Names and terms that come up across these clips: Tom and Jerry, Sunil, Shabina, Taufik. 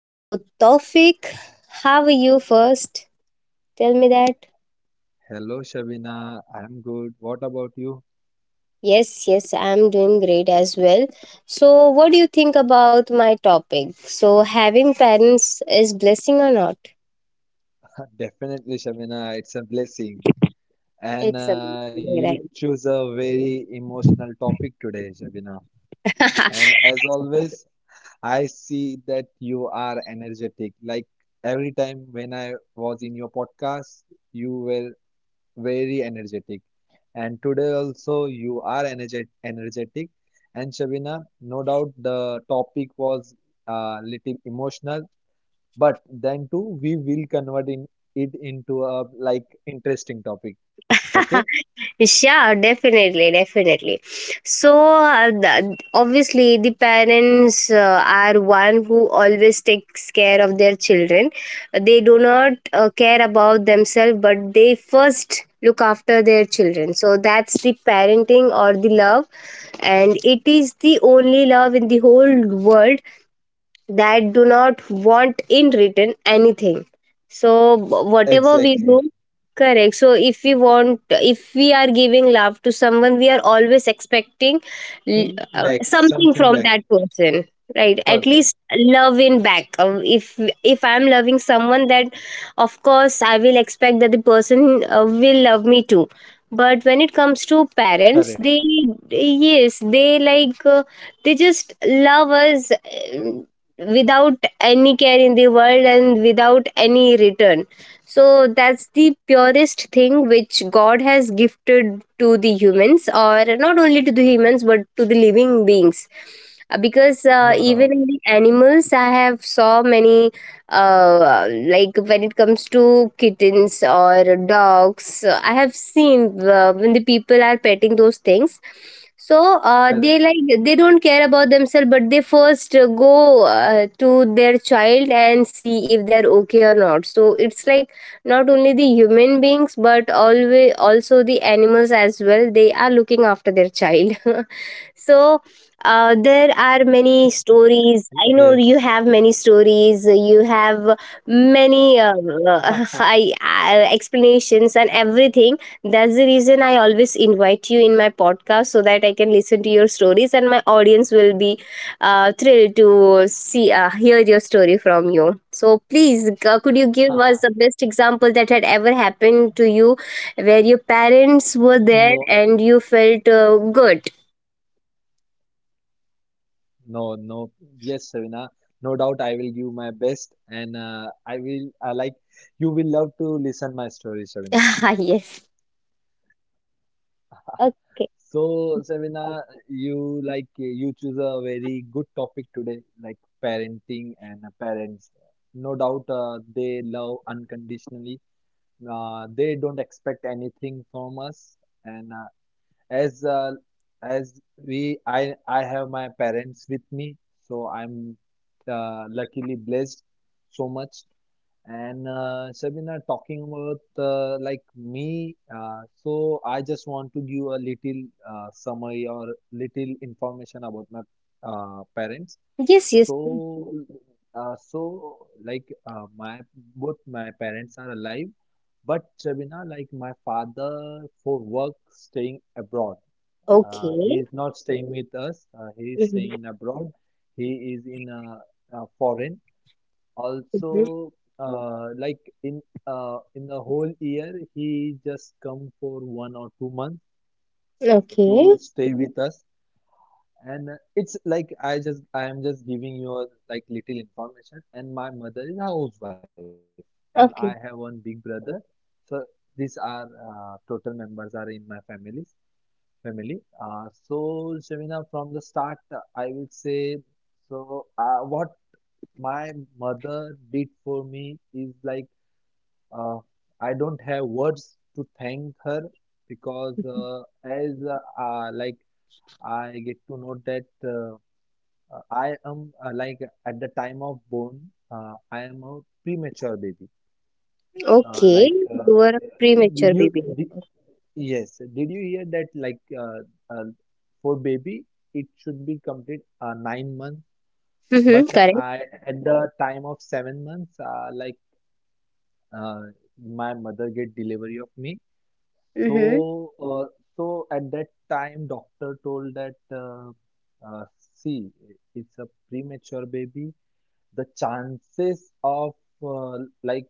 So Taufik, how are you first? Tell me that. Hello, Shabina. I'm good. What about you? Yes, yes, I'm doing great as well. So what do you think about my topic? So having parents is blessing or not? Definitely, Shabina. It's a blessing. It's And you amazing, right? choose a very emotional topic today, Shabina. And as always, I see that you are energetic. Like every time when I was in your podcast, you were very energetic. And today also, you are energetic. And Shabina, no doubt the topic was a little emotional but then too we will convert in it into a like interesting topic. Okay. Yeah, definitely, definitely. So obviously the parents are one who always takes care of their children. They do not care about themselves, but they first look after their children. So that's the parenting or the love, and it is the only love in the whole world that do not want in return anything. So whatever we do, Exactly. correct. So if we are giving love to someone, we are always expecting Think back, something from that something back. person, right? At least Perfect. love in back. If I'm loving someone, that of course I will expect that the person will love me too. But when it comes to parents, they, Correct. yes, they they just love us, without any care in the world and without any return. So that's the purest thing which God has gifted to the humans, or not only to the humans but to the living beings. Because even in No, the no. animals, I have saw many, like when it comes to kittens or dogs. I have seen when the people are petting those things, so they Correct. don't care about themselves, but they first go to their child and see if they're okay or not. So it's like not only the human beings but always also the animals as well, they are looking after their child. So there are many Yes. stories. I know you have many stories. You have many, I, explanations and everything. That's the reason I always invite you in my podcast, so that I can listen to your stories and my audience will be thrilled to see hear your story from you. So please, could you give us the best example that had ever happened to you, where your No, parents were there and you felt good? no, no. Yes, Savina, no doubt I will give my best and I will like you will love to listen my story, Savina. Yes. Okay. So, Savina, you like you choose a very good topic today, like parenting and parents. No doubt, they love unconditionally. They don't expect anything from us. And as uh, as we, I have my parents with me, so I'm luckily blessed so much. And Sabina, talking about like me, so I just want to give a little summary or little information about my parents. Yes, yes. So, so like my both my parents are alive, but Sabina, like my father for work staying abroad. Okay. He is not staying with us. He is Mhm, staying abroad. He is in a foreign. mhm. Also, yeah. Like in the whole year, he just come for 1 or 2 months Okay. to stay with us. And it's like I am just giving you a, like little information. And my mother is a housewife, and I have one Okay. big brother. So these are total members are in my families family. So Shamina, from the start, I will say so. What my mother did for me is like uh, I don't have words to thank her because as like I get to know that I am like at the time of born, I am a premature baby. Okay. Like You were a did premature you baby. did, yes, did you hear that like uh, for baby it should be complete 9 months, but Mm-hmm. Correct. I at the time of 7 months like uh, my mother get delivery of me. So, Mm-hmm. So at that time, doctor told that, see, it's a premature baby. The chances of like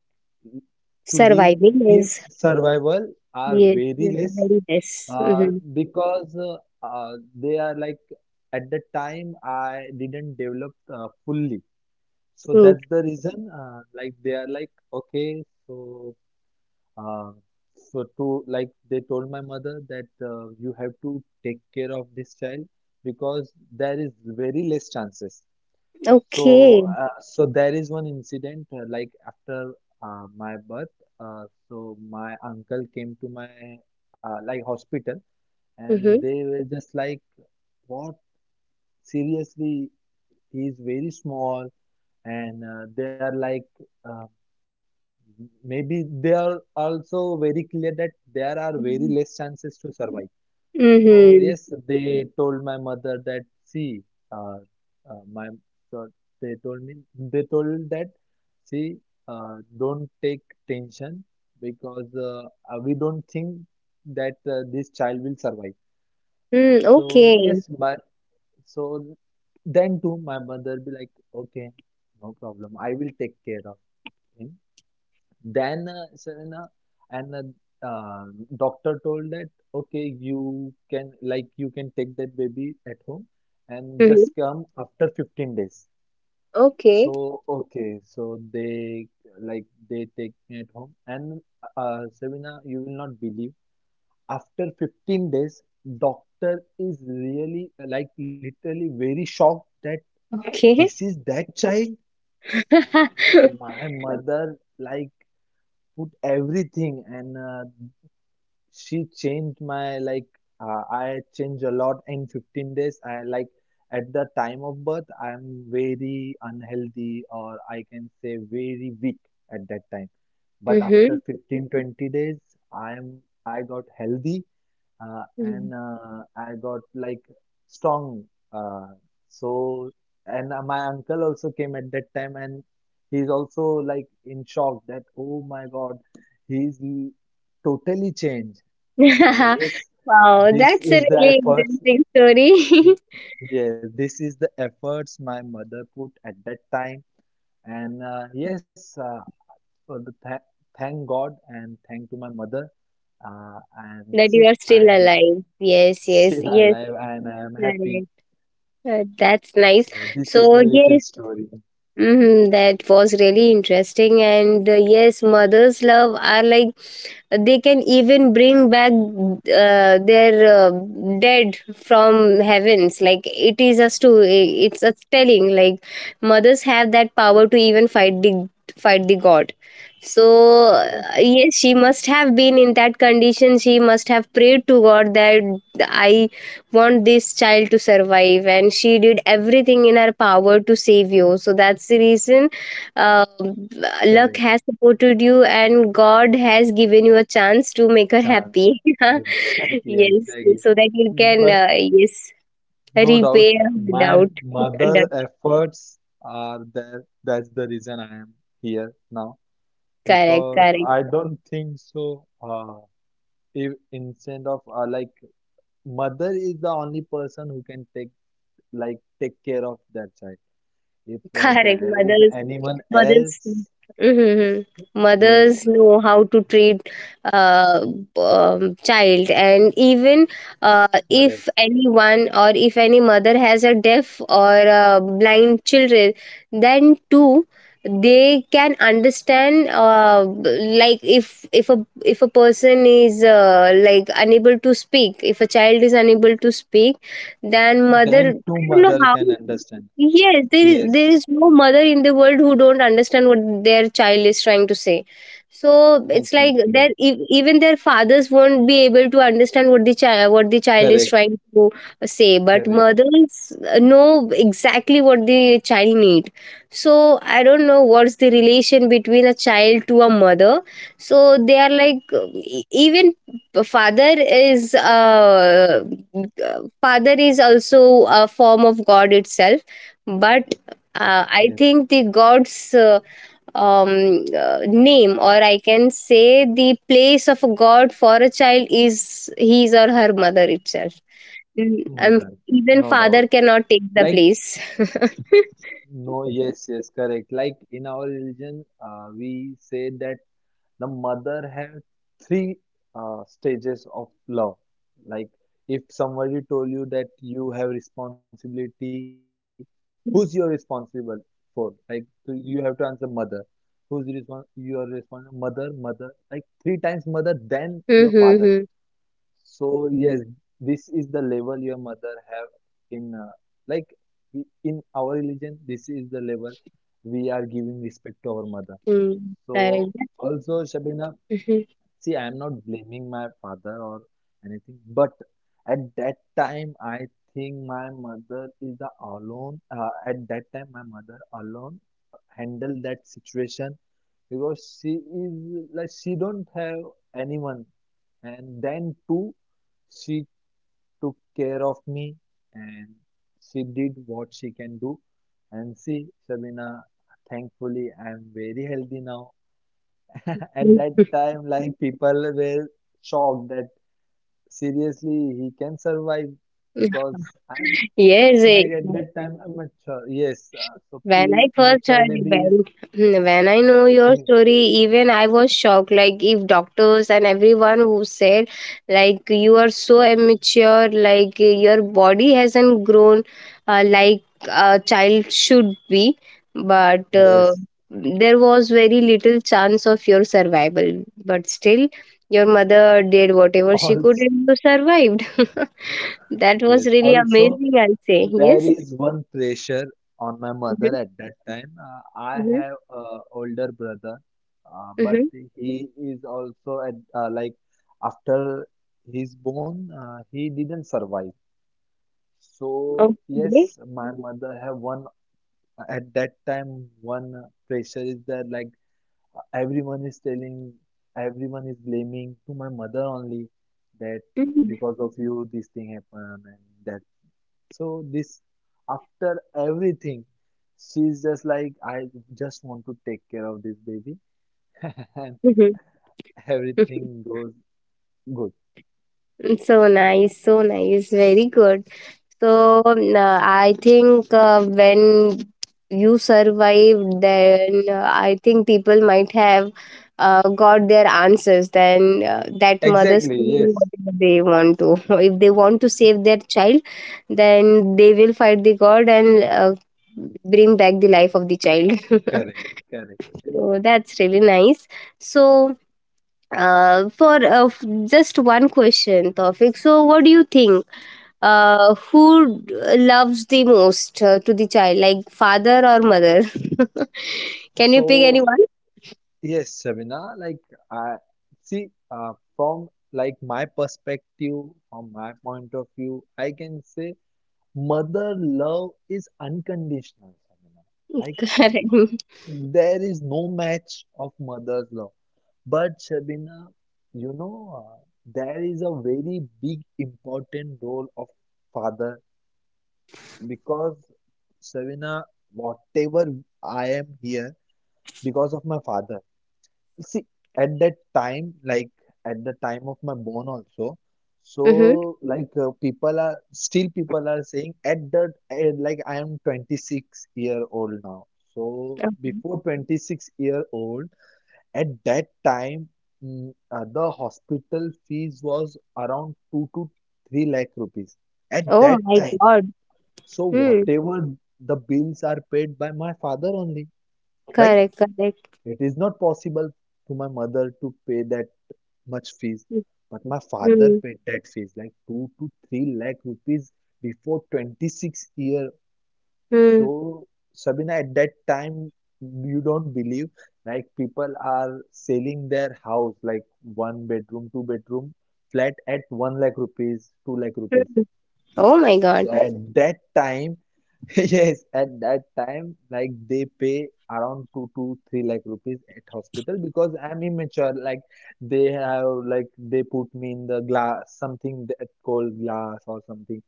to leave Surviving him is, survival are yes, very is less very less. uh, Mm-hmm. because they are like at the time I didn't develop fully. So Mm. that's the reason. Like they are like okay, so uh, so to like they told my mother that you have to take care of this child because there is very less chances. Okay. So so there is one incident like after my birth, so my uncle came to my like hospital Mm-hmm. and they were just like, what? Seriously, he is very small and they are like um, maybe they are also very clear that there are very less chances to survive. Mm-hmm. So yes, they told my mother that see, uh, my so they told me, they told that see, don't take tension because we don't think that this child will survive. Mm, So okay. yes, but so then too my mother be like okay, no problem, I will take care of him. Then Serena, and uh, uh, doctor told that okay, you can take that baby at home and Mm-hmm. just come after 15 days. Okay. So okay, so they like they take me at home, and Serena, you will not believe after 15 days, doctor is really like literally very shocked that this Okay. is that child. My mother like put everything and she changed my I changed a lot in 15 days. I like at the time of birth, I'm very unhealthy, or I can say very weak at that time. But Mm-hmm. after 15 20 days, I'm I got healthy and I got like strong. Uh, so and my uncle also came at that time, and he's also like in shock that oh my God, he's l- totally change. So yes, Wow, this that's a is the really efforts. interesting story. Yes, this is the efforts my mother put at that time, and yes, for the th thank God and thank to my mother. And That see, you are I still am alive, yes, still yes, yes. alive and I am happy. Correct. That's nice, So this is the so little yes. story. Mhm, that was really interesting. And yes, mother's love are like they can even bring back their dead from heavens. Like it is a story. It's a telling. Like mothers have that power to even fight the god. So Yes, yes, she must have been in that condition. She must have prayed to God that I want this child to survive, and she did everything in her power to save you. So that's the reason uh, luck correct. has supported you, and god has given you a chance to make her Chance. happy. Exactly, Yes, exactly. so that you can, But yes, no doubt, repay her my doubt. mother efforts are there. That's the reason I am here now Correct, because correct, I don't think so. If instead of like mother is the only person who can take care of that child. If correct. there is Mothers. anyone Mothers. else, Mm-hmm. yes, Mothers know how to treat uh, child, and even if correct. anyone or if any mother has a deaf or a blind children, then too they can understand. Like if a person is like unable to speak, if a child is unable to speak, then mother I Then don't two know how. mother can understand. Yes, there is Yes, no mother in the world who don't understand what their child is trying to say. So it's like their, exactly. Even their fathers won't be able to understand what the child, is trying Correct, to say. But correct. mothers know exactly what the child need. So I don't know what's the relation between a child to a mother. So they are like, even father is, also a form of God itself. But Yes, I think the god's, name, or I can say the place of a god for a child is his or her mother itself. Mm, um, mother, Even no doubt. father cannot take the Like place. no, yes, yes, correct. Like in our religion, we say that the mother have three stages of love. Like if somebody told you that you have responsibility, who's you're responsible for? Like, so you have to answer mother. Who's respons you are responsible? Mother, mother. Like three times mother, then your father. Mm-hmm. So yes, this is the level your mother have in like we, in our religion. This is the level we are giving respect to our mother. Mm-hmm. So Correct. also, Shabina, see, I am not blaming my father or anything, but at that time, I think my mother is the alone. At that time, my mother alone handled that situation because she is like she don't have anyone, and then too, she took care of me and she did what she can do. And see, Shabina, thankfully, I am very healthy now. At Mhm. that time, like people were shocked that seriously he can survive because I'm Yes. Like at that time I'm mature. Yes, so When I first pre-mature heard, baby when when I know is. your story, even I was shocked. Like if doctors and everyone who said, like you are so immature, like your body hasn't grown like a child should be, but Yes. there was very little chance of your survival. But still, your mother did whatever she Also, could and you survived. That was yes. really Also, amazing, I'll say, there yes. is one pressure on my mother Hmm. at that time. I Hmm. have a older brother, but Hmm. he is also at like after he's born, he didn't survive. So Okay. yes, my mother have one at that time one pressure is that like everyone is telling, everyone is blaming to my mother only that Mhm. because of you this thing happened and that. So this after everything, she's just like I just want to take care of this baby and Mhm. Mhm. everything goes good. So nice, very good. So, I think when you survived, then I think people might have got their answers. Then that mothers Exactly, can do yes. whatever they want to. If they want to save their child, then they will fight the god and bring back the life of the child. Correct, correct, correct. So that's really nice. So for, just one question topic, so what do you think, who loves the most to the child, like father or mother? Can you pick So anyone? yes, Sabina, like I see from like my perspective, from my point of view, I can say mother love is unconditional, Sabina. Like Correct. there is no match of mother's love. But Sabina, you know, there is a very big important role of father because Sabina, whatever I am here because of my father. See, at that time, like at the time of my born also, Mm-hmm. so like people are saying at that like I am 26-year-old now. So Okay. before 26-year-old, at that time, the hospital fees was around 2 to 3 lakh rupees at Oh that my time. god. So Hmm. whatever the bills are paid by my father only, right? Correct, correct. It is not possible to my mother to pay that much fees, Hmm. but my father paid that fees like 2 to 3 lakh rupees before 26 year. Hmm. So Sabina, at that time, you don't believe like people are selling their house like one bedroom, two-bedroom flat at 1 lakh rupees, 2 lakh rupees. Hmm. Oh my god. So at mhm, that time, yes, at that time, like they pay around 2 to 3 lakh rupees at hospital because I'm immature. Like they have, like they put me in the glass, something that called glass or something.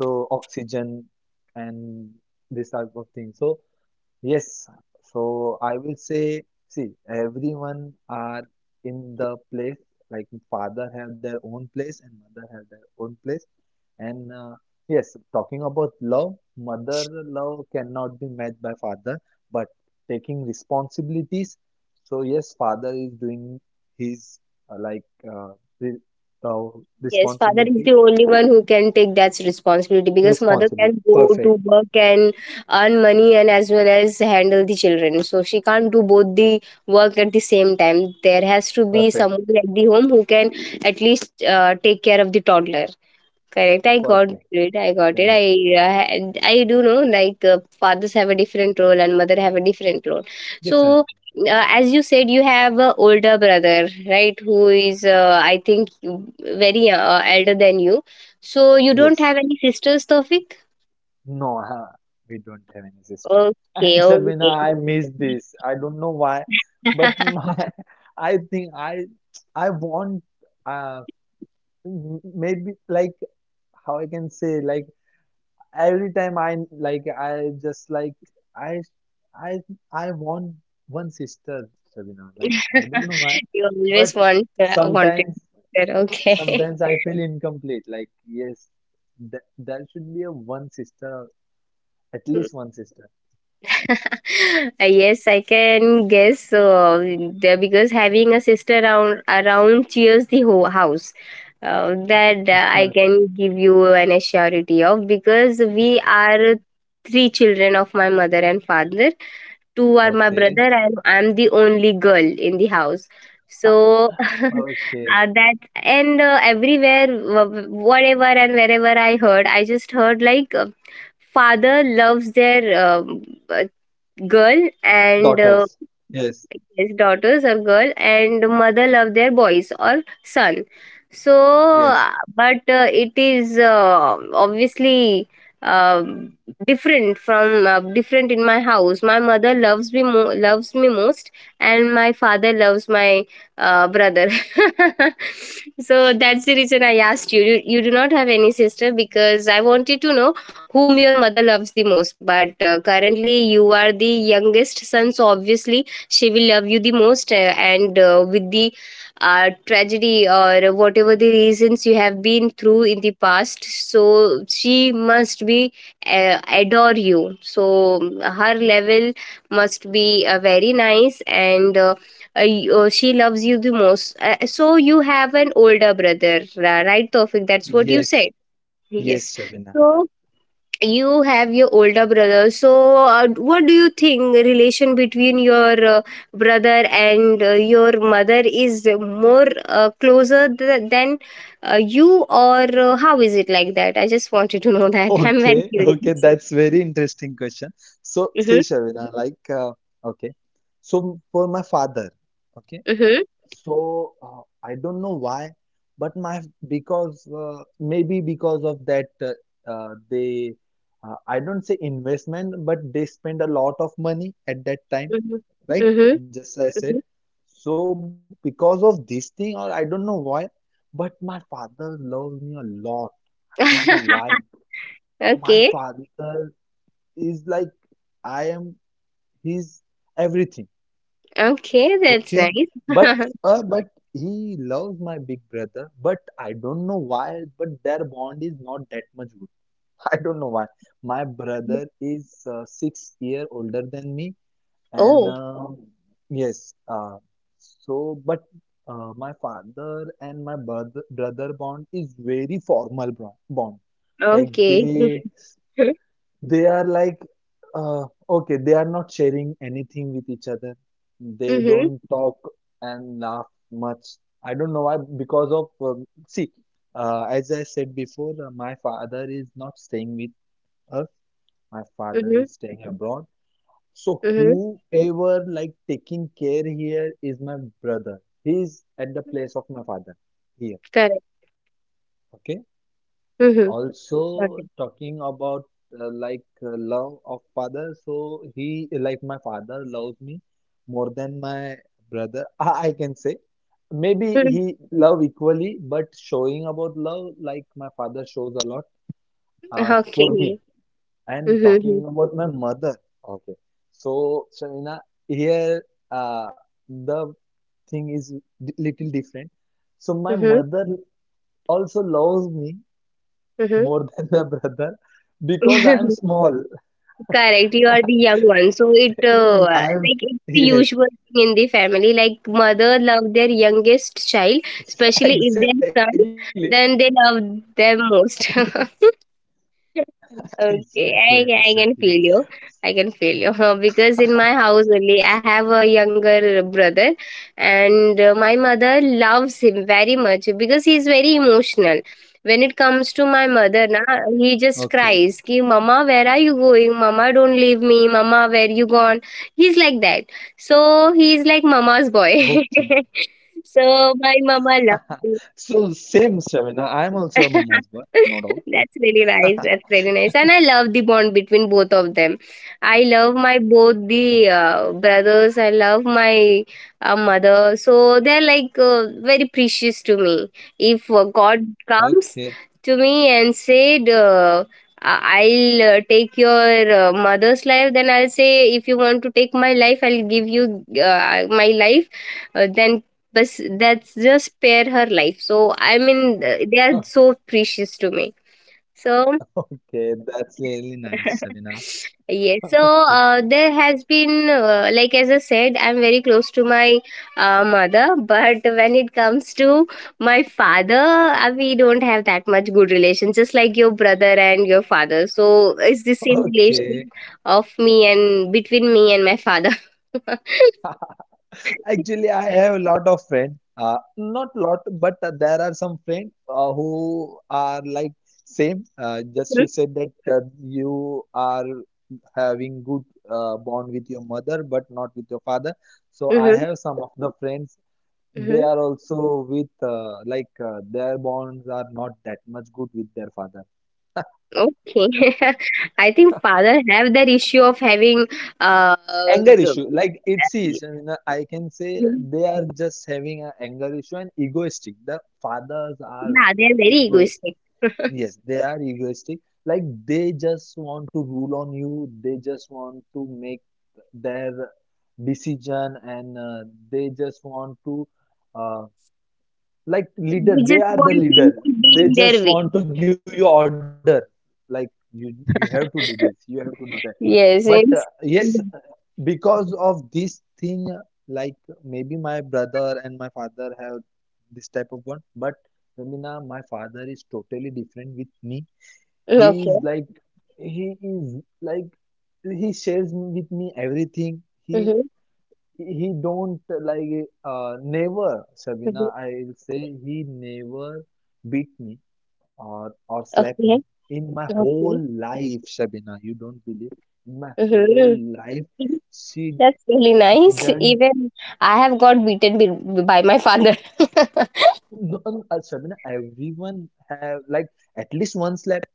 So oxygen and this type of thing. So yes, so I will say, see, everyone are in the place, like father have their own place and mother have their own place. And yes, talking about love, mother love cannot be met by father, but taking responsibilities. So yes, father is doing his like uh, re uh, Yes, father is responsibility, the only one who can take that responsibility, because mother responsibility. can go to Perfect, work and earn money and as well as handle the children. So she can't do both the work at the same time. There has to be perfect, someone at the home who can at least take care of the toddler. Correct. I got perfect. it. I got it. Correct. I do know, like fathers have a different role and mother have a different role. Different. So as you said, you have a older brother, right? Who is, I think, very elder than you. So you don't Yes. have any sisters, Tofik? No, we don't have any sister. Okay. And Shabina, Okay. I miss this. I don't know why, but my, I think I want, uh, maybe like how I can say, like every time I like I just like I, I, I want one sister, Shabina. Like I don't know why, You but always want, wanted. sometimes, Sister. Okay. sometimes I feel incomplete. Like yes, th there should be a one sister, at least one sister. Yes, I can guess. Because having a sister around cheers the whole house. That, I But can give you an assurity of, because we are three children of my mother and father. Two are my okay. brother, and I'm the only girl in the house. Ha, So okay. that, and everywhere, whatever and wherever I heard, I just heard like. Father loves their, uh, girl, and Daughters. Yes. yes, daughters or girl, and mother love their boys or son. So, Yes. But it is, obviously uh, different in my house. My mother loves me, most, and my father loves my brother. So that's the reason I asked you. You do not have any sister because I wanted to know whom your mother loves the most. But currently, you are the youngest son, so obviously she will love you the most, and with the tragedy or whatever the reasons you have been through in the past, so she must be adore you. So her level must be very nice, and she loves you the most. So you have an older brother, right, Tofik, that's what you said? Yes, yes, Yes. Shabina. So you have your older brother. So what do you think, relation between your brother and your mother is more closer than you, or how is it? Like that I just wanted to know that. I'm very Okay, okay, curious. that's very interesting question. So, see, Mm-hmm. Shabina, like, okay, so for my father, okay, Mm-hmm. so I don't know why, but my because maybe because of that they I don't say investment, but they spend a lot of money at that time, right? Mm-hmm. Just I said. So because of this thing, or I don't know why, but my father loves me a lot. Don't know Mm-hmm. why, my Okay, father is like I am his everything. okay, that's Okay, but nice. But he loves my big brother, but I don't know why, but their bond is not that much good. I don't know why. My brother is 6 year older than me, and Oh, yes, so but my father and my brother bond is very formal bond. Like okay. they Mm-hmm, They are like, okay, they are not sharing anything with each other. They mm-hmm, don't talk and laugh much. I don't know why, because of, see, as I said before, my father is not staying with us. My father is staying abroad. So mm-hmm. whoever like taking care here is my brother. He is at the place of my father here. Correct. Okay. Mm-hmm. Also, Okay. talking about like love of father, so he like my father loves me more than my brother. I can say maybe he love equally, but showing about love, like my father shows a lot for me. Okay. And Mhm, talking mhm, about my mother, okay. So, Shamina, here, uh, the thing is little different. So my mhm, mother also loves me mhm. more than my brother because I am small. Correct, you are the young one, so it I am, like it's the yes, usual thing in the family. Like mother love their youngest child, especially if they're exactly. son, then they love them most. Yes, exactly, Okay, exactly. I can feel you. I can feel you. Because in my house only I have a younger brother, and my mother loves him very much because he is very emotional. When it comes to Okay, my mother, na, he just cries, "Ki Mama, where are you going? Mama, don't leave me. Mama, where you gone?" He's like that. So he is okay. like Mama's boy. So my So, mama same, loves him. Shavina. I am also a mama's boy, no doubt. That's really nice. That's really nice. And I love the bond between both of them. I love my both the brothers. I love my mother. So they're like very precious to me. If God Okay, comes to me and said, I'll take your mother's life, then I'll say, if you want to take my life, I'll give you my life. Then but that's just spare her life, so I mean they are so precious to me, so okay. That's really nice, Shavina. yes. So Okay, there has been like as I said, I'm very close to my mother, but when it comes to my father, we don't have that much good relation, just like your brother and your father, so it's the same okay. relation of me and between me and my father. Actually, I have a lot of friends. Not lot, but there are some friends who are like same. Just you said that you are having good bond with your mother, but not with your father. So I Mhm, have some of the friends. They mhm. are also with like their bonds are not that much good with their father. Okay. I think father have that issue of having uh Anger the- issue, like it sees, and I can say they are just having an anger issue, and egoistic, the fathers are yeah, they're very egoist. egoistic. Yes, they are egoistic. Like they just want to rule on you. They just want to make their decision, and they just want to uh, like leader, They they just are want the leader. things to be They in just their way. want to give you order, like you have to do this, you have to do that. But Yes, yes, it's. Mhm. because of this thing, like maybe my brother and my father have this type of bond, but Ramina, my father is totally different with me. He is Okay. like, he is like, he shares with me everything. he Mm-hmm. he don't like never, Sabina, Mm-hmm. I'll say, he never beat me or slap me Okay. in my whole Okay. life. Sabina, you don't believe, in my whole Mm-hmm. life she That's really nice. didn't. Even I have got beaten by my father. No, no, Shabina, everyone have like at least one slap,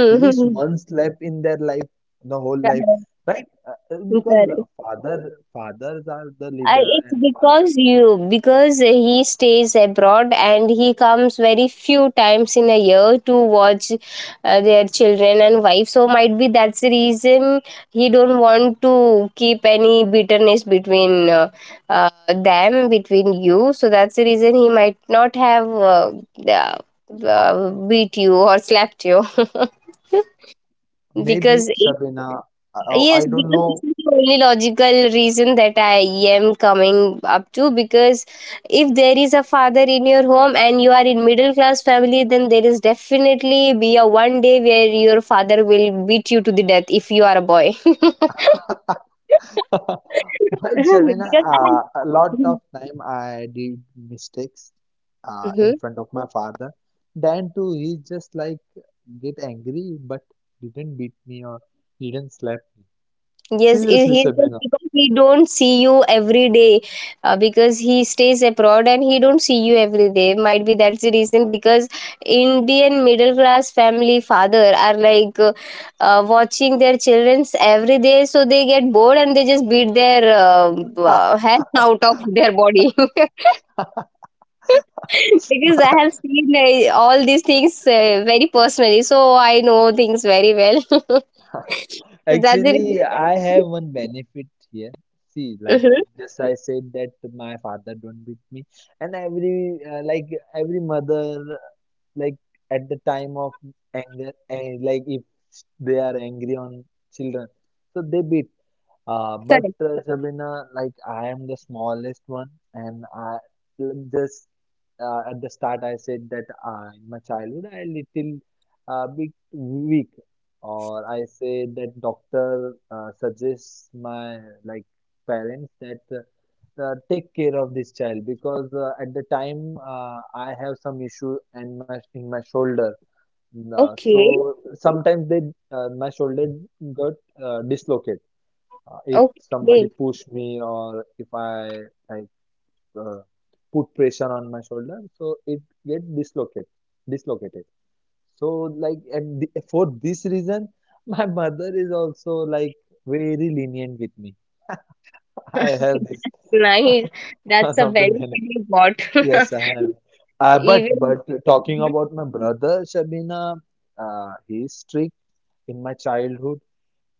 at least one slap in their life, the whole life, Correct. right? Because Correct. father, fathers are the leader, It's and father because you because he stays abroad and he comes very few times in a year to watch their children and wife. So might be that's the reason he don't want to keep any bitterness between them, between you. So that's the reason he might not have uh, beat you or slapped you, maybe, because Shabina, oh, I yes, don't because this know. is the only logical reason that I am coming up to. Because if there is a father in your home and you are in middle class family, then there is definitely be a one day where your father will beat you to the death if you are a boy. But Shabina, because I- a lot Mhm. of time I did mistakes in front of my father. Then too, he just like get angry, but didn't beat me or didn't slap. Yes, Seriously, he just Shabina. because he don't see you every day, because he stays abroad and he don't see you every day. Might be that's the reason, because Indian middle class family father are like watching their childrens every day, so they get bored and they just beat their head out of their body. Because I have seen all these things very personally, so I know things very well. So that's the reason. Actually, I have one benefit here. See, like, Mm-hmm. just I said that my father don't beat me, and every like every mother like at the time of anger, and like if they are angry on children, so they beat. But Sabina, like I am the smallest one, and I just at the start I said that in my childhood I little bit weak, or I say that doctor suggests my like parents that take care of this child because at the time I have some issue and my in my shoulder. So Okay. sometimes they my shoulder got dislocated if somebody Okay. push me, or if I like uh, put pressure on my shoulder, so it get dislocated, dislocated. So like at the, for this reason, my mother is also like very lenient with me. I have this Nice. That's one a of the very benefit. you got. Yes, I have. But Even. Talking Mhm. about my brother, Shabina, he's strict in my childhood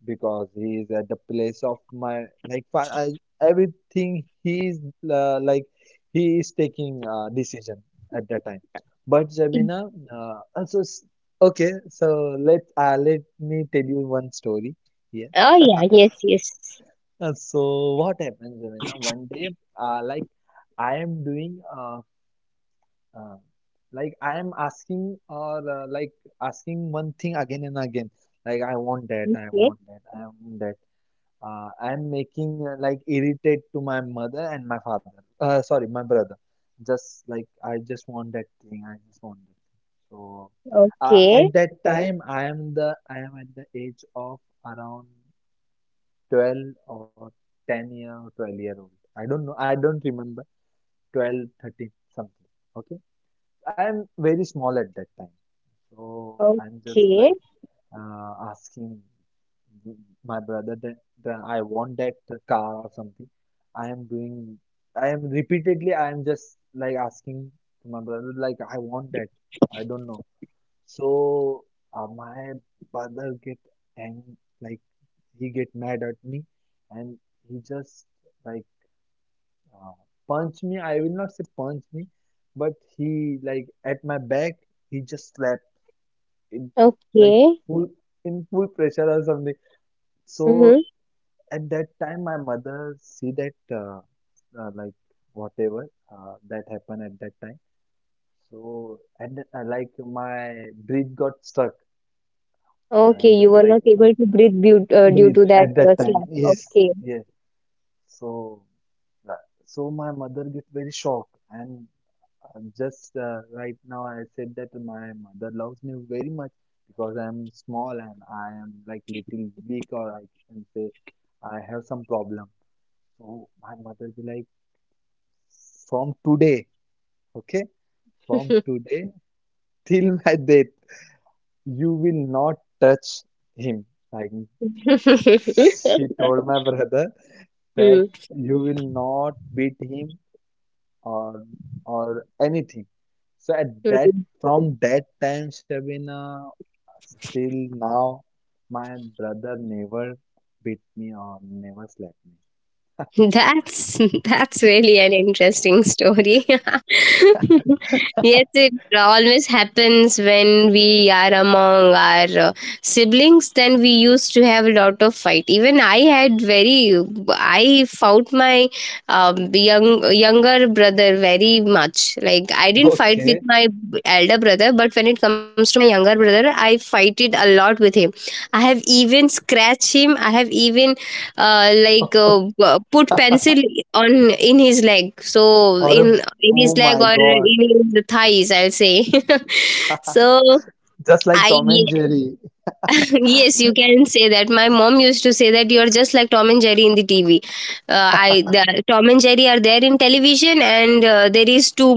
because he is at the place of my like I, everything he is like he is taking decision at that time. But E- Zabina, also okay, so let let me tell you one story here. Oh, yeah. Yes, yes. So what happened, Zabina, one day, like I am doing uh, like I am asking, or like asking one thing again and again. Like, I want that, I Okay. want that, I want that. I am making like irritate to my mother and my father. Sorry, my brother. Just like I just want that thing, I just want that thing. So Okay. at that time, I am at the age of around 12 or 10 year or 12-year-old. I don't know. I don't remember. 12, 13 something. Okay. I'm very small at that time. So I'm just Okay. like asking my brother that, that I want that car or something. I am doing, I am repeatedly, I am just like asking to my brother, like, I want that. I don't know. So my brother get ang, like he get mad at me, and he just like uh, punch me, I will not say punch me, but he like at my back, he just slapped in, like Okay. full, in full pressure or something. Mm-hmm. So at that time, my mother see that like whatever that happened at that time. So and like my breath got stuck. I Okay. am You just were like not able to breathe due, due breathe to that at that time. slap. Yes, Okay. yes. So. Yeah. So my mother get very shocked, and I'm just right now, I said that my mother loves me very much because I'm small, and I am like little weak, or I can say I have some problem. So my mother be like, from today, okay, from today till my death, you will not touch him. Like, she told my brother that Hmm. you will not beat him or anything. So at that, Hmm. from that time, Shabina, till now, my brother never beat me or never slapped me. That's that's really an interesting story. Yes, it always happens when we are among our siblings. Then we used to have a lot of fight. Even I had very, I fought my younger brother very much. Like I didn't fight with Okay. my elder brother, but when it comes to my younger brother, I fight it a lot with him. I have even scratched him. I have even like put pencil on in his leg, so Or a, in oh his leg my or God, in the thighs, I'll say. So just like I Tom and Jerry. yes, you can say that my mom used to say that you're just like Tom and Jerry in the TV, Tom and Jerry are there in television, and there is two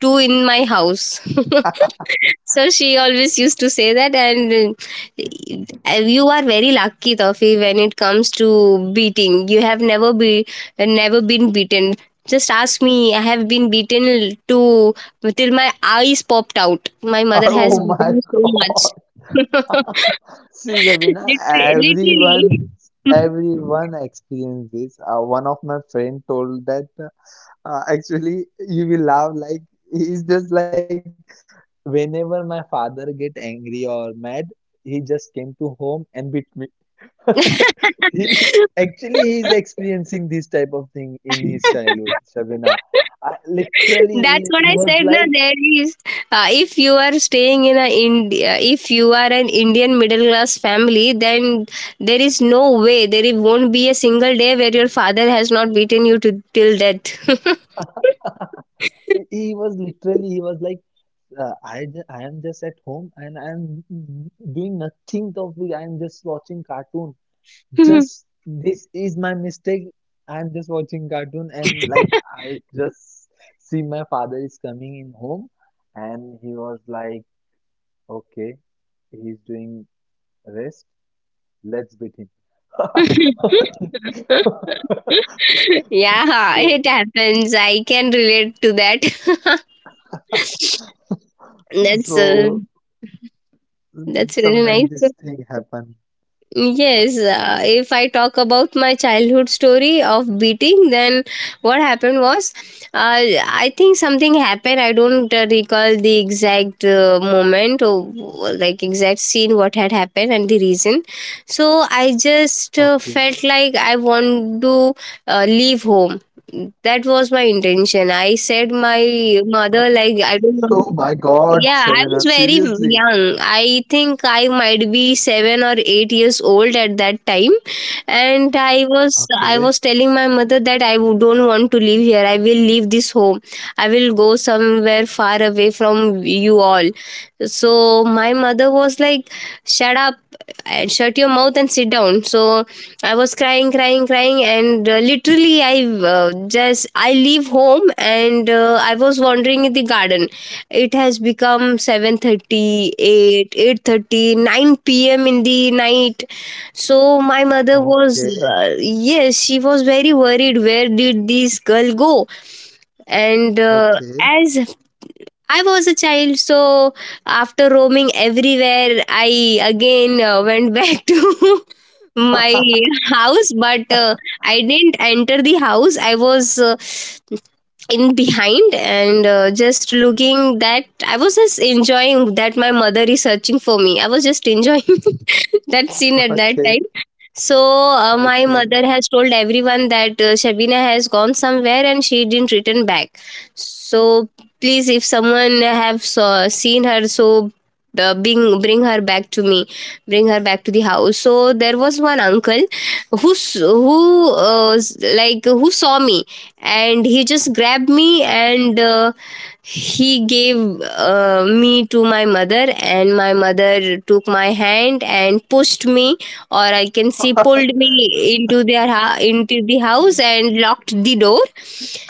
two in my house. So she always used to say that, and you are very lucky, Tofi, when it comes to beating. You have never been beaten. Just ask me. I have been beaten to till my eyes popped out. My Or mother has oh beaten my me so God. much. See, Shabina, Literally. everyone, Literally. everyone experienced this. One of my friend told that actually you will laugh, like he's just like, whenever my father get angry or mad, he just came to home and beat me. He, actually, he is experiencing this type of thing in his childhood, Sabina. I, literally, That's what I he said. was Now like, there is, if you are staying in a India, if you are an Indian middle class family, then there is no way there is- won't be a single day where your father has not beaten you to till death. he was literally, he was like, I, I am just at home, and I am doing nothing of, I am just watching cartoon. Just this is my mistake. I'm just watching cartoon, and like I just see my father is coming in home, and he was like, okay, he's doing rest. Let's beat him. Yeah, it So, happens. I can relate to that. that's uh, so that's really sometimes nice. this thing happen. Yes, if I talk about my childhood story of beating, then what happened was, I think something happened. I don't recall the exact moment or like exact scene what had happened and the reason. So I Okay. just felt like I want to leave home. That was my intention. I said my mother like Oh I my don't want. God, Shavina, Yeah, I was seriously. very young. I think I might be 7 or 8 years old at that time, and I Okay, was I was telling my mother that I don't want to live here. I will leave this home. I will go somewhere far away from you all. So my mother was like, "Shut up and shut your mouth and sit down." So I was crying, crying, crying, and literally I, uh, just I leave home, and I was wandering in the garden. It has become 7:30, 8, 8:30, 9 p.m. in the night. So my mother okay, was, yes, she was very worried, where did this girl go? And okay, as I was a child, so after roaming everywhere, I again went back to my house, but I didn't enter the house. I was in behind, and just looking that I was just enjoying that my mother is searching for me. I was just enjoying that scene at that okay, time. So my okay. mother has told everyone that Shabina has gone somewhere and she didn't return back. So please, if someone have saw, seen her, so bring her back to me, bring her back to the house. So there was one uncle who s- who uh, s- like who saw me, and he just grabbed me. And he gave me to my mother, and my mother took my hand and pushed me, or I can see pulled me into the house and locked the door.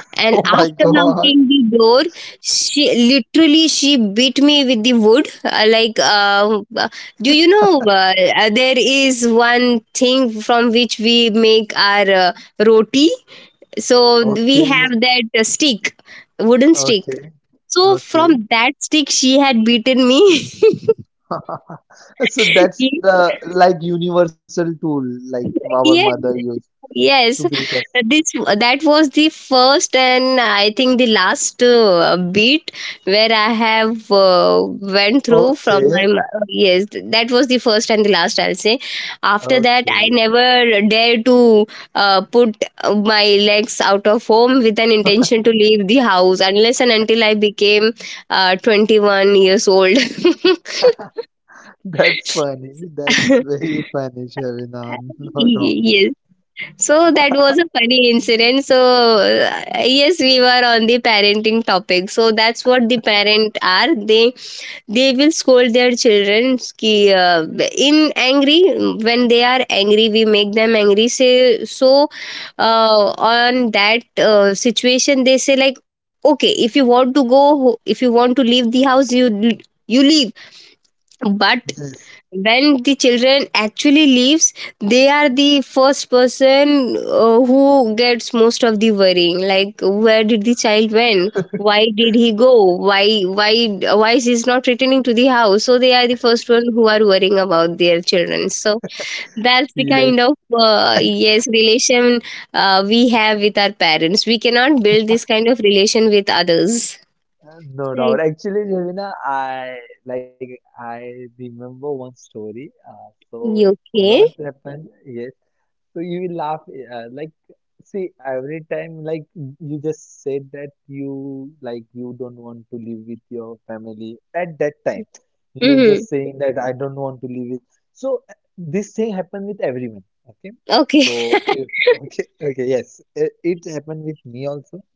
And Oh my after God. locking the door, she literally she beat me with the wood. Like, do you know there is one thing from which we make our roti? So we Okay. have that stick, wooden stick. Okay. So Okay. from that stick, she had beaten me. So that's the like universal tool like our yes, mother used to Yes, beat us. this that was the first and I think the last beat where I have went through from Okay. my yes, that was the first and the last, I'll say. After that, I Okay. never dare to put my legs out of home with an intention to leave the house, unless and until I became 21 years old. That's funny. That's very funny, Shavina. No doubt. Yes. So that was a funny incident. So yes, we were on the parenting topic. So that's what the parent are. They will scold their children. Ki, in angry when they are angry, we make them angry. Say, so on that situation, they say like, okay, if you want to go, if you want to leave the house, you leave. But Yes. when the children actually leaves, they are the first person who gets most of the worrying, like where did the child went, why did he go, why is he not returning to the house? So they are the first one who are worrying about their children. So that's the kind Yes. of, yes, relation we have with our parents. We cannot build this kind of relation with others, No doubt. right? Actually, Shavina, I like I remember one story. So You what okay. happened? Yes. So you will laugh, like, see, every time, like, you just said that you, like, you don't want to live with your family at that time. You were Mm-hmm. just saying that I don't want to live with. So this thing happened with everyone. Okay. Okay. So if, okay, okay, yes, it happened with me also.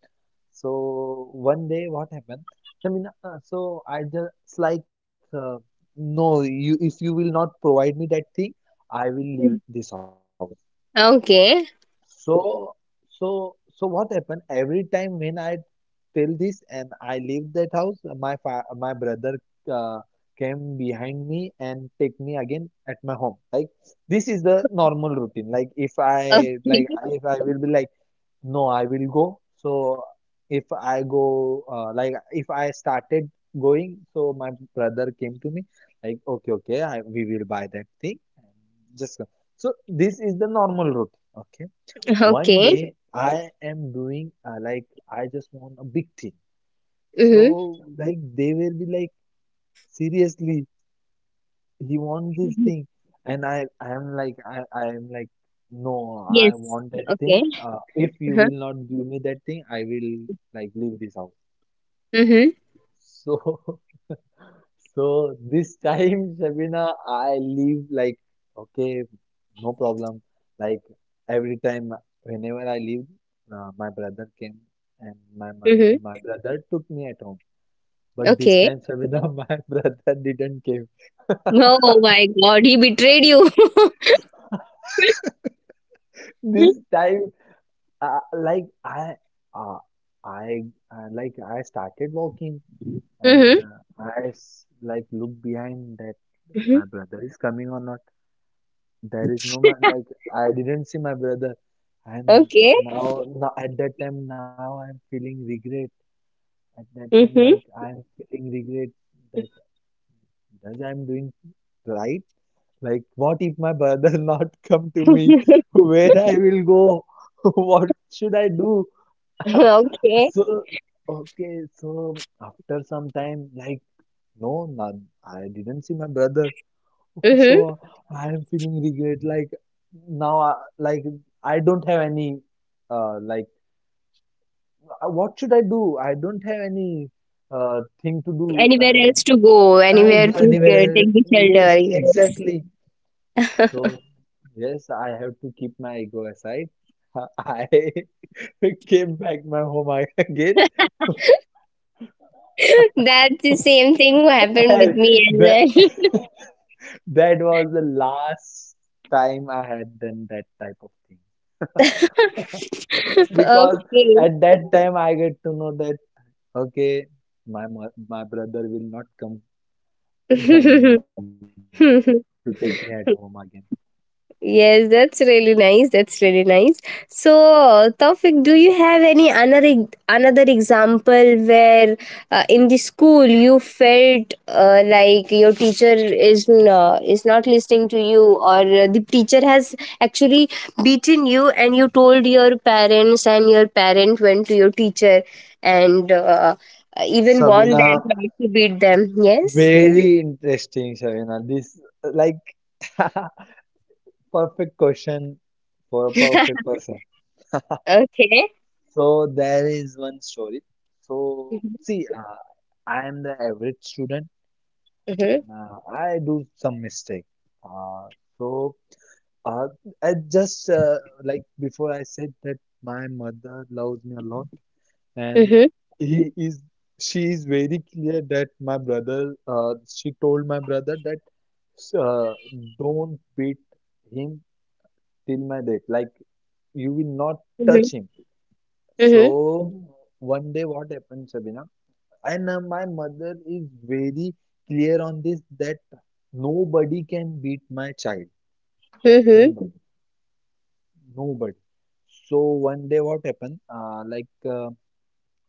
So one day, what happened? I mean, so I just like, no, you, if you will not provide me that thing, I will leave this house. Okay. So, so, so what happened, every time when I tell this and I leave that house, my fa my brother uh, came behind me and take me again at my home. Like, this is the normal routine. Like, if I like Okay. If I will be like no, I will go. So if I go, like if I started going, so my brother came to me, like, okay, okay, I, we will buy that thing and just go. So this is the normal route. Okay. One Okay. day I am doing, like, I just want a big thing. Mhm. So, like, they will be like, seriously, he wants this thing, and I am like, I am like no, I Yes. want that thing, Okay. If you Uh-huh. will not give me that thing I will like leave this house. Mhm. So so this time, Shabina, I leave like, okay, no problem, like every time whenever I leave, my brother came and Mhm. my brother took me at home. But this Okay. time, Shabina, my brother didn't came. Oh my God, he betrayed you. Mhm. This time, like, uh, I like I started walking, and like look behind that Mhm. my brother is coming or not. There is no man, like I didn't see my brother, and Okay. now at that time now I'm feeling regret. At that time, like Mhm. I'm feeling regret that does I'm doing right? Like what if my brother not come to me? Where I will go? What should I do? Okay. So, okay, so after some time, like, no, none, I didn't see my brother. Mhm. So I am feeling regret. Like, now, I, like, I don't have any, like, what should I do? I don't have any, thing to do. Anywhere else to go? Anywhere And to anywhere else. take the Yes, shelter? Yes. exactly. So, yes, I have to keep my ego aside. I came back my home again. That's the same thing who happened with me And the that was the last time I had done that type of thing. as well. Because at that time I get to know that okay, my brother will not come behind me to take me at home Okay. again. Yes, that's really nice. That's really nice. So, Tawfiq, do you have any another example where in the school you felt like your teacher is not listening to you, or the teacher has actually beaten you, and you told your parents, and your parent went to your teacher and even warned Sabina, them not to beat them. Yes. very interesting, Sabina. This like perfect question for a perfect person. Okay. So there is one story. So Mm-hmm. see, I am the average student. Mm-hmm. I do some mistake. Uh, so uh, I just like before I said that my mother loves me a lot, and Mm-hmm. he is she is very clear that my brother. She told my brother that uh, don't beat him till my death. Like you will not touch him. Mm-hmm. So one day, what happened, Sabina? And my mother is very clear on this that nobody can beat my child. Mm-hmm. No, nobody. So one day what happened? Like uh,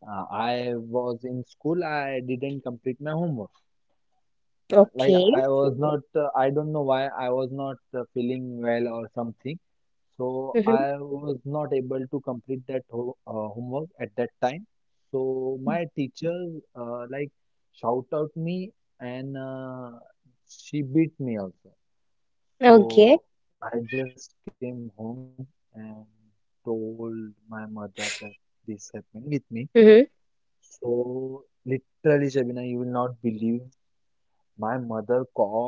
uh, I was in school, I didn't complete my homework. Like Okay. I was not, I don't know why I was not feeling well or something. So Mhm. I was not able to complete that ho homework at that time. So my teacher like shout out me, and she beat me also. So Okay. I just came home and told my mother that this happened with me. Mhm. So literally, Shabina, you will not believe my mother called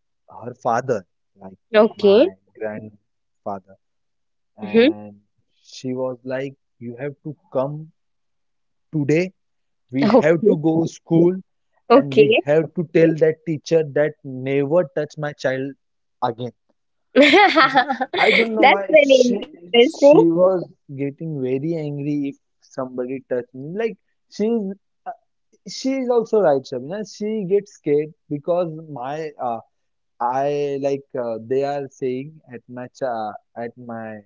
her father, like my Okay. grandfather, Mhm. and she was like, "You have to come today. We have to Okay. go school, and we Okay. have to tell that teacher that never touch my child again." I don't know That's why very she interesting. she was getting very angry if somebody touched me. Like she's uh, she also right, Shabina. She gets scared because my I like they are saying at my cha at my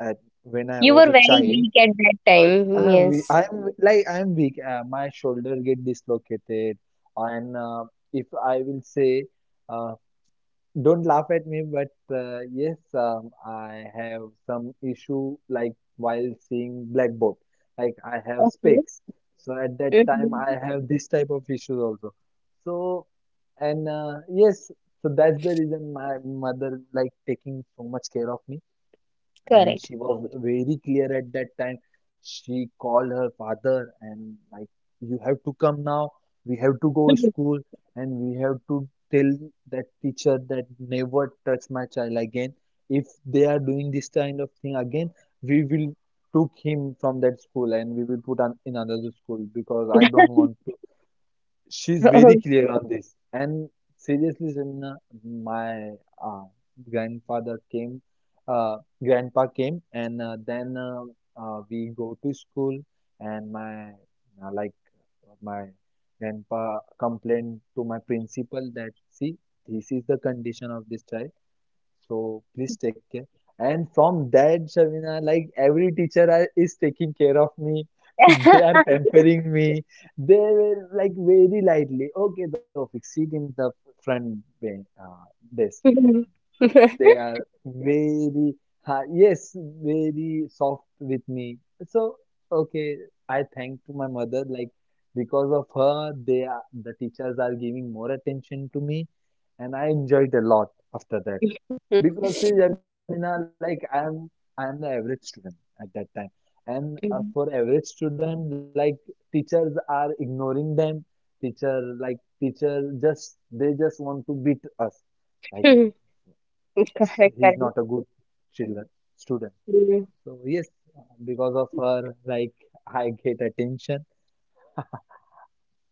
at when I You was were a very child, weak at that time. Yes. I'm like I'm weak. My shoulder get dislocated, and if I will say uh, don't laugh at me, but yes, I have some issue like while seeing blackboard. Like I have Okay. specs, so at that time I Mhm. have this type of issues also. So and yes, so that's the reason my mother like taking so much care of me, and Correct. she was very clear at that time. She called her father and like, you have to come now, we have to go school, and we have to tell that teacher that never touch my child again. If they are doing this kind of thing again, we will took him from that school, and we will put on in another school because I don't want. She's very clear on this. And seriously, Shamina, my uh, grandfather came, uh, grandpa came, and then we go to school, and uh, like my grandpa complained to my principal that see, this is the condition of this child. So please take care. And from that, Shavina, like every teacher is taking care of me. They are pampering me. They were like very lightly. Okay, Tawfiq, sit in the front ben- uh, desk. And Mhm. they are very, ha yes, very soft with me. So, okay, I thank to my mother. Like because of her, the teachers are giving more attention to me. And I enjoyed a lot after that. Because see, Jamina, like I'm the average student at that time. And for average student, like teachers are ignoring them. Teacher, like teacher just, they just want to beat us. Like Correct. he's Correct. not a good children student. Mhm. So yes, because of her, like I get attention.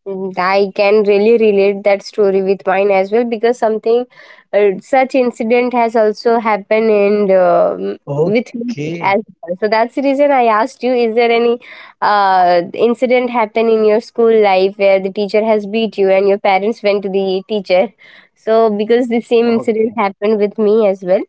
Mhm. I can really relate that story with mine as well, because something such incident has also happened and with me as Okay. well. So that's the reason I asked you: is there any incident happened in your school life where the teacher has beat you and your parents went to the teacher? So because the same incident Okay, happened with me as well.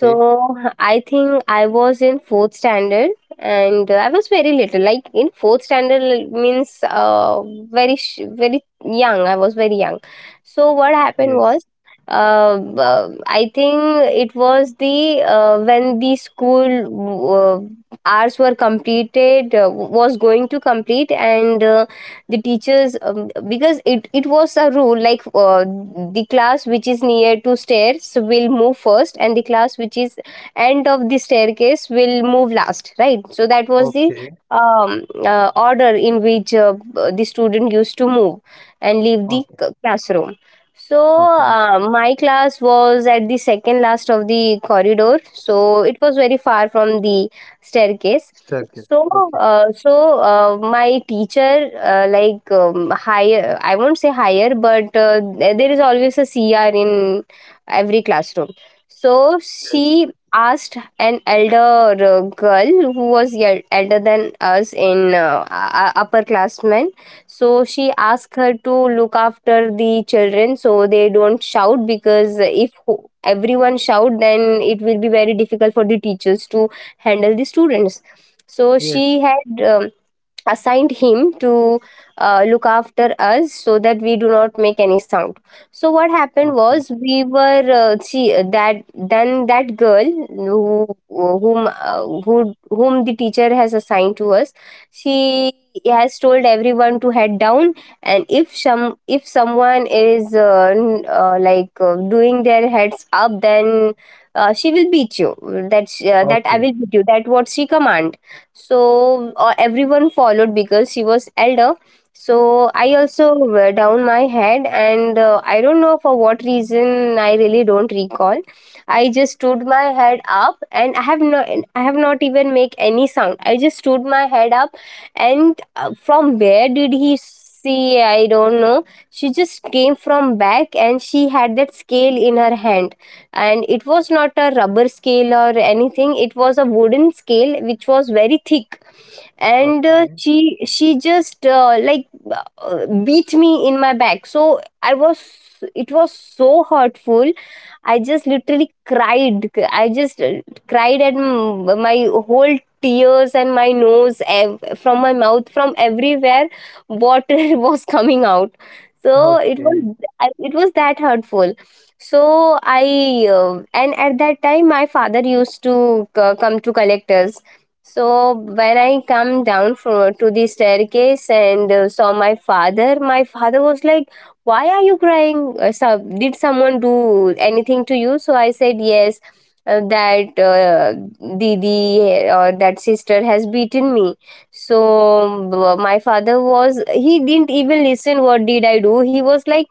okay, I think I was in fourth standard and I was very little. Like in fourth standard means very young. I was very young. So what happened was, yes. uh, I think it was the when the school hours were completed, was going to complete and. The teachers because it was a rule like the class which is near to stairs will move first and the class which is end of the staircase will move last, right? So that was the Okay, order in which the student used to move and leave the okay, classroom. So okay. my class was at the second last of the corridor, so it was very far from the staircase. so, Staircase, uh, okay. so uh, my teacher, like higher, I won't say higher, but there is always a C R in every classroom. So she Yes, asked an elder girl who was elder than us in upperclassmen. So she asked her to look after the children so they don't shout, because if everyone shout, then it will be very difficult for the teachers to handle the students. So she yes, had assigned him to look after us so that we do not make any sound. So what happened was, we okay, were she that, then that girl whom the teacher has assigned to us, she has told everyone to head down, and if some if someone is like doing their heads up, then she will beat you, that that I will beat you, okay. that what she commands. So everyone followed because she was elder. So I also were down my head, and I don't know for what reason, I really don't recall. I just stood my head up, and I have not even make any sound. I just stood my head up, and from where did he see, I don't know. She just came from back, and she had that scale in her hand, and it was not a rubber scale or anything. It was a wooden scale which was very thick. And uh, she Okay, she just like beat me in my back. So I was It was so hurtful. I just literally cried. I just Cried at my whole tears, and my nose, from my mouth, from everywhere water was coming out. So it was, okay, it was that hurtful. So I and at that time my father used to come to collect us. So when I come down from to the staircase and saw my father was like, "Why are you crying? So, did someone do anything to you?" So I said, "Yes, that Didi or that sister has beaten me." So my father was he didn't even listen. What did I do? He was like,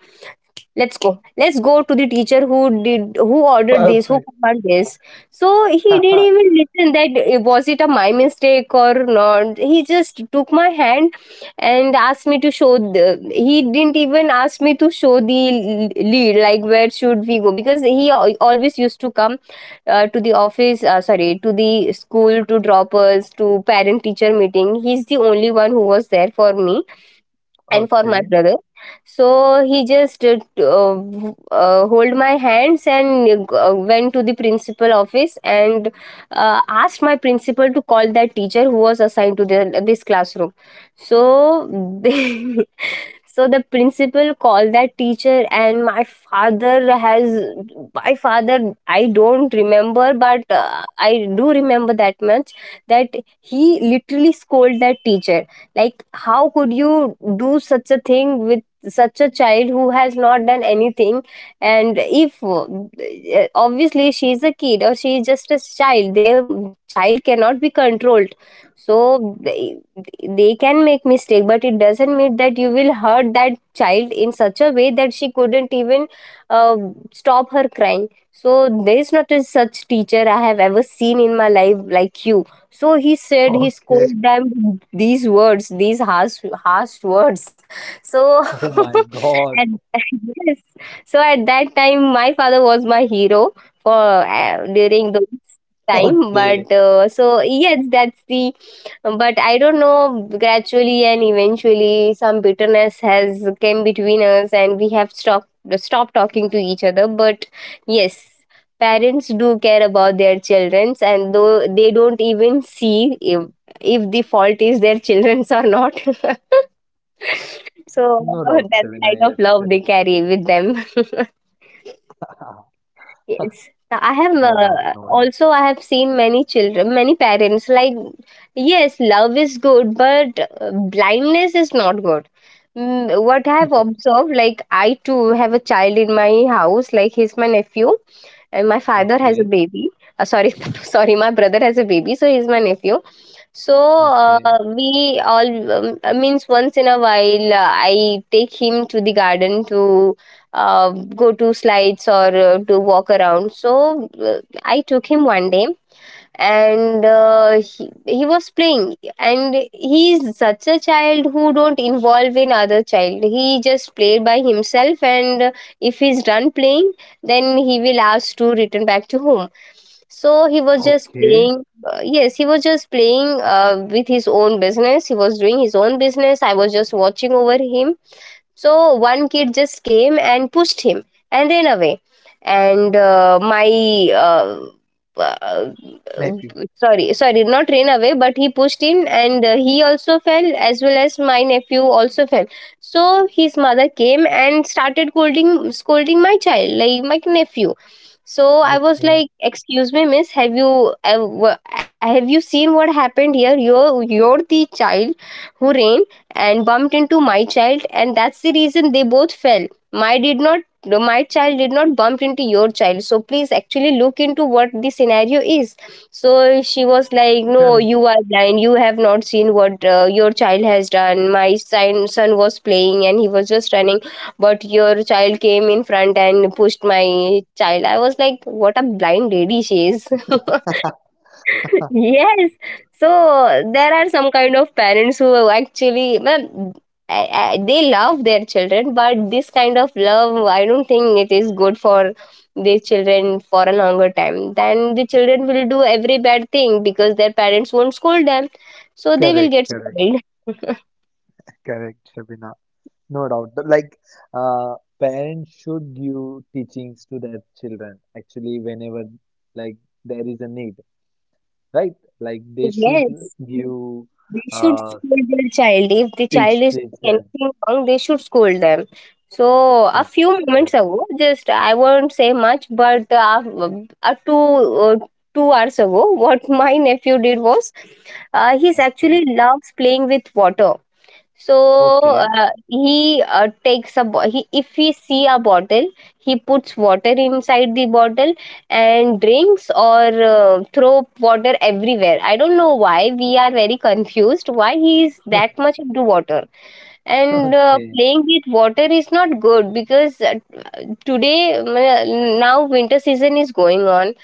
let's go. Let's go to the teacher who did who ordered this, who perfect. commanded this. So he didn't even listen that, eh, was it a my mistake or not. He just took my hand and asked me to show the, he didn't even ask me to show the lead, like where should we go, because he always used to come to the office sorry, to the school, to drop us, to parent teacher meeting. He's the only one who was there for me and for my brother. Okay, So he just hold my hands and went to the principal office, and asked my principal to call that teacher who was assigned to the, this classroom. So so the principal called that teacher, and my father, I don't remember, but I do remember that much, that he literally scolded that teacher. Like, how could you do such a thing with such a child who has not done anything? And if obviously she is a kid, or she is just a child, their child cannot be controlled. So they can make mistake, but it doesn't mean that you will hurt that child in such a way that she couldn't even uh, stop her crying. So there is not a such teacher I have ever seen in my life like you. So he said, he scolded okay. them with these words, these harsh, harsh words. Oh So my God. and yes, so at that time, my father was my hero for during Okay. those time. But so yes, that's the. But I don't know, gradually and eventually, some bitterness has came between us, and we have stopped talking to each other. But yes, parents do care about their childrens, and though they don't even see if the fault is their children's or not. No doubt, So Sabina. that Yes, kind correct. of love they carry with them. Yes. I No have doubt, no doubt. also, I have seen many children, many parents like, yes, love is good, but blindness is not good. Mm, what I have Yes. observed, like I too have a child in my house, like he's my nephew, and my father has a Okay, baby sorry, sorry, my brother has a baby, so he's my nephew. So okay, we all means, once in a while, I take him to the garden to uh, go to slides, or to walk around. So I took him one day, and he was playing, and he is such a child who don't involve in other child. He just played by himself, and if he's done playing, then he will ask to return back to home. So he was just okay. playing, yes, he was just playing with his own business. He was doing his own business. I was just watching over him. So one kid just came and pushed him and ran away. And my uh, uh, Nephew. sorry, sorry, not ran away, but he pushed him, and he also fell, as well as my nephew also fell. So his mother came and started scolding, scolding my child, like my nephew. So I was Okay, like, "Excuse me, miss, have you ever, have you seen what happened here? You're the child who ran and bumped into my child, and that's the reason they both fell. my did not my child did not bump into your child, so please actually look into what the scenario is." So she was like, "No, correct, you are blind. You have not seen what your child has done. My son was playing, and he was just running, but your child came in front and pushed my child." I was like, what a blind lady she is. Yes. So there are some kind of parents who actually, ma'am, they love their children, but this kind of love, I don't think it is good for the children. For a longer time, then the children will do every bad thing, because their parents won't scold them, so they will correct, get correct, spoiled. correct, Shabina. No doubt. But like, parents should give teachings to their children. Actually, whenever like there is a need, right? Like they should Yes, give, they should uh, scold their child. If the teach child is teach doing them. anything wrong, they should scold them. So Fun. a few Correct. moments ago, just, I won't say much, but uh, two uh, 2 hours ago, what my nephew did was, he's Okay. actually loves playing with water. So Okay. He, if he see a bottle, he puts water inside the bottle and drinks, or throw water everywhere. I don't know why. We are very confused why he is that much into water. And Okay. playing with water is not good, because today, mm, now winter season is going on,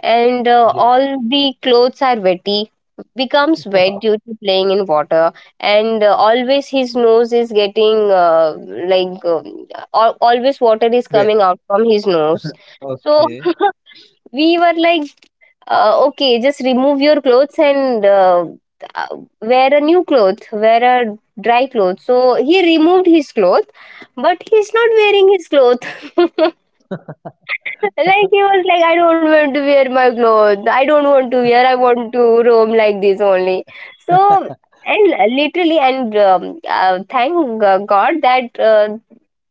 and Yes. all the clothes are wetty, becomes wet due to playing in water. And always his nose is getting like uh, always water is Wait. coming out from his nose. So Okay. we were like, okay, just remove your clothes and uh, wear a new cloth, wear a dry cloth. So he removed his cloth, but he's not wearing his cloth. Like, he was like, I don't want to wear my clothes. I don't want to wear. I want to roam like this only. So, and literally, and thank God that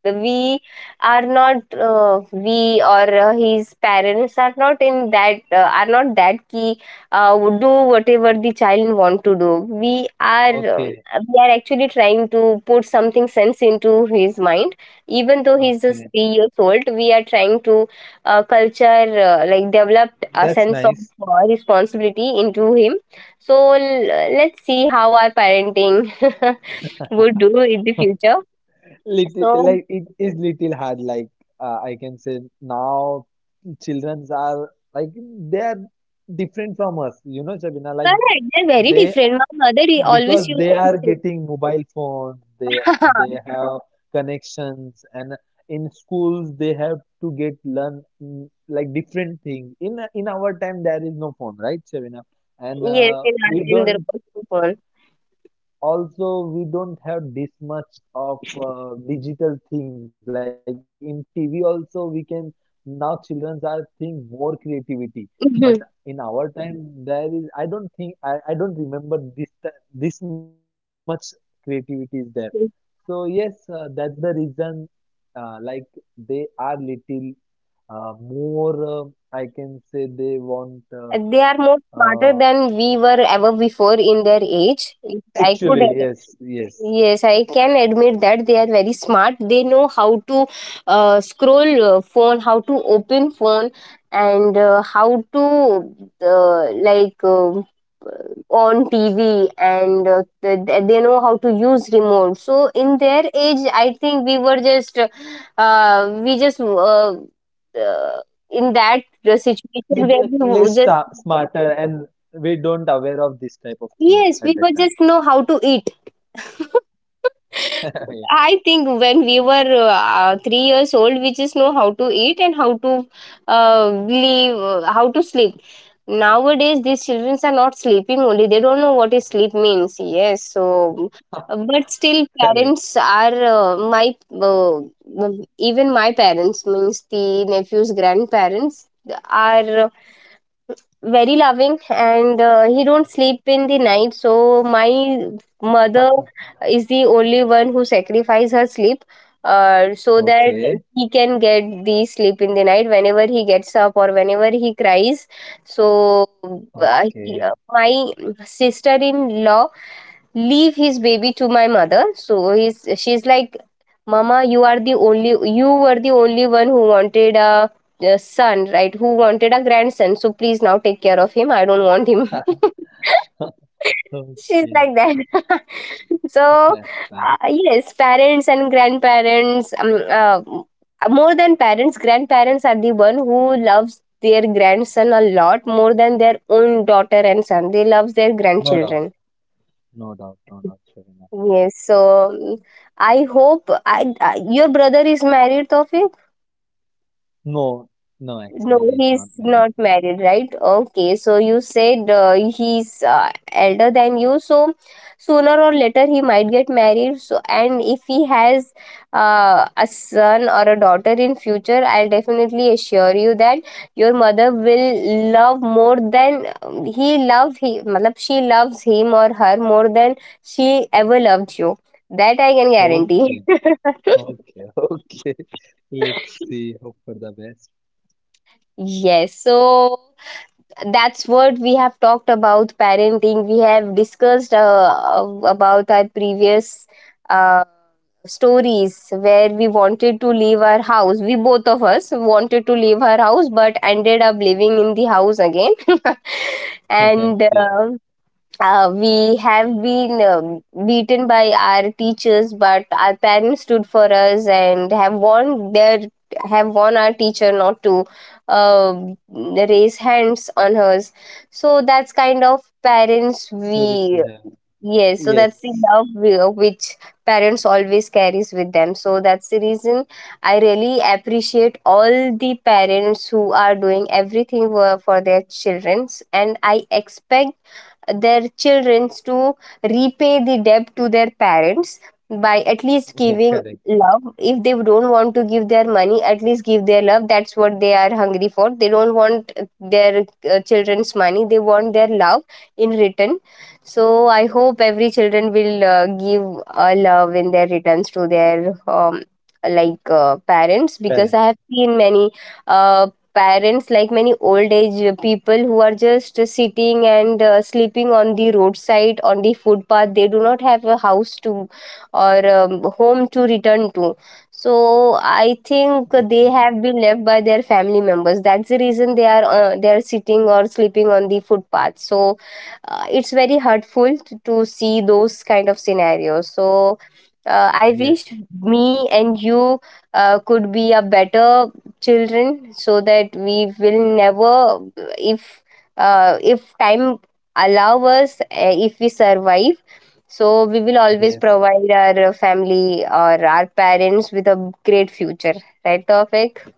we we or his parents are not in that are not that key, would do whatever the child want to do. Okay. We are actually trying to put something sense into his mind, even though he's just Okay. 3 years old. We are trying to culture, like developed a That's sense of nice. Responsibility into him. So let's see how our parenting would do in the future. Little, So like, it is little hard. Like, I can say now, childrens are like they are different from us. You know, Shabina. Like correct, they're very they, different. My mother he always because used they to are say, getting mobile phones, they have connections and in schools they have to get learn, like different things. In our time there is no phone, right, Shavina? And yes, in our, we in their don't phone. also we don't have this much of digital things, like in TV also we can. Now children are think more creativity, but Mhm. in our time there is, I don't think, I don't remember this much creativity is there. So yes, that's the reason, like they are little more, I can say they want, They are more smarter uh, than we were ever before in their age. If I could actually yes, yes, Yes, I can admit that they are very smart. They know how to scroll phone, how to open phone, and how to like on TV, and they know how to use remote. So in their age, I think we just uh, in that situation where little we w- less just smarter, and we don't aware of this type of thing yes, we at were that time. just know how to eat. I think when we were 3 years old, we just know how to eat and how to leave, how to sleep. Nowadays, these children are not sleeping only. They don't know what is sleep means. Yes, so but still, Yeah, parents correct. are my even my parents means the nephews' grandparents are very loving. And he don't sleep in the night, so my mother is the only one who sacrifice her sleep so that he Okay. can get the sleep in the night whenever he gets up or whenever he cries. So my Okay. sister in law leave his baby to my mother. So he's she's like, mama, you were the only one who wanted a son, right? Who wanted a grandson? So please now take care of him, I don't want him. She's like Okay. that. So That's yes, fine. parents and grandparents more than parents, grandparents are the one who loves their grandson a lot more than their own daughter and son. They love their grandchildren. No doubt. No doubt. No doubt, Yes, so Shavina. mm, I hope I your brother is married, Tofik? No, No, no, he's actually not he's not married, married. right? Okay, so you said he's elder than you, so sooner or later he might get married. So, and if he has a son or a daughter in future, I'll definitely assure you that your mother will love more than matlab she loves him or her more than she ever loved you. That I can guarantee. Okay. Okay. Okay. Let's see. Hope for the best. Yes, so that's what we have talked about parenting. We have discussed about our previous uh, stories where we wanted to leave our house. We both of us wanted to leave our house but ended up living in the house again. And Yes, yes. We have been beaten by our teachers, but our parents stood for us and have warned our teacher not to um raise hands on hers. So that's kind of parents we- Stories we yes, have. so that's the love Yes. we- which parents always carries with them. So that's the reason I really appreciate all the parents who are doing everything for their childrens, and I expect their children to repay the debt to their parents by at least giving Yeah, love. correct. If they don't want to give their money, at least give their love. That's what they are hungry for. They don't want their children's money, they want their love in return. So I hope every children will give love in their returns to their parents. Because I have seen Parent. many uh, parents, like many old age people who are just sitting and sleeping on the roadside, on the footpath. They do not have a house to, or home to return to. So I think they have been left by Okay. their family members. That's the reason they are sitting or sleeping on the footpath. So it's very hurtful to see those kind of scenarios. So I wish Yes. me and you could be a better children so that we will never, if if time allow us, if we survive, so we will always provide our Yes. family or our parents with a great future, right Tawfiq?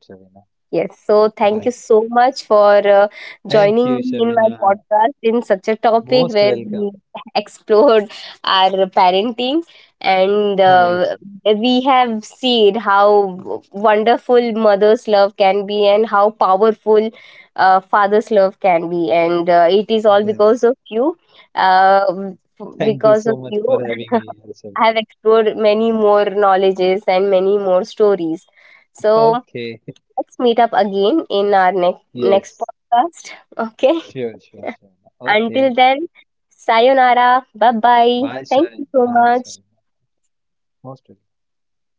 Yes, right, Yes, Shavina. so thank you so much Right. for joining me in my Thank you, podcast in Shabina. such a topic where we Most welcome. explored our parenting. And we Yes, have seen how wonderful mother's love can be and how powerful father's love can be. And it is all because of you. yes. Uh, because of Thank you, you so much for I having have me here, Shabina. explored many more knowledges and many more stories. So, let's Okay. meet up again in our next podcast. Yes. Okay. Sure, sure, Until sure. then, Okay. sayonara. Bye bye. Thank you so Bye, Shabina. much. Bye, Shabina. Most welcome.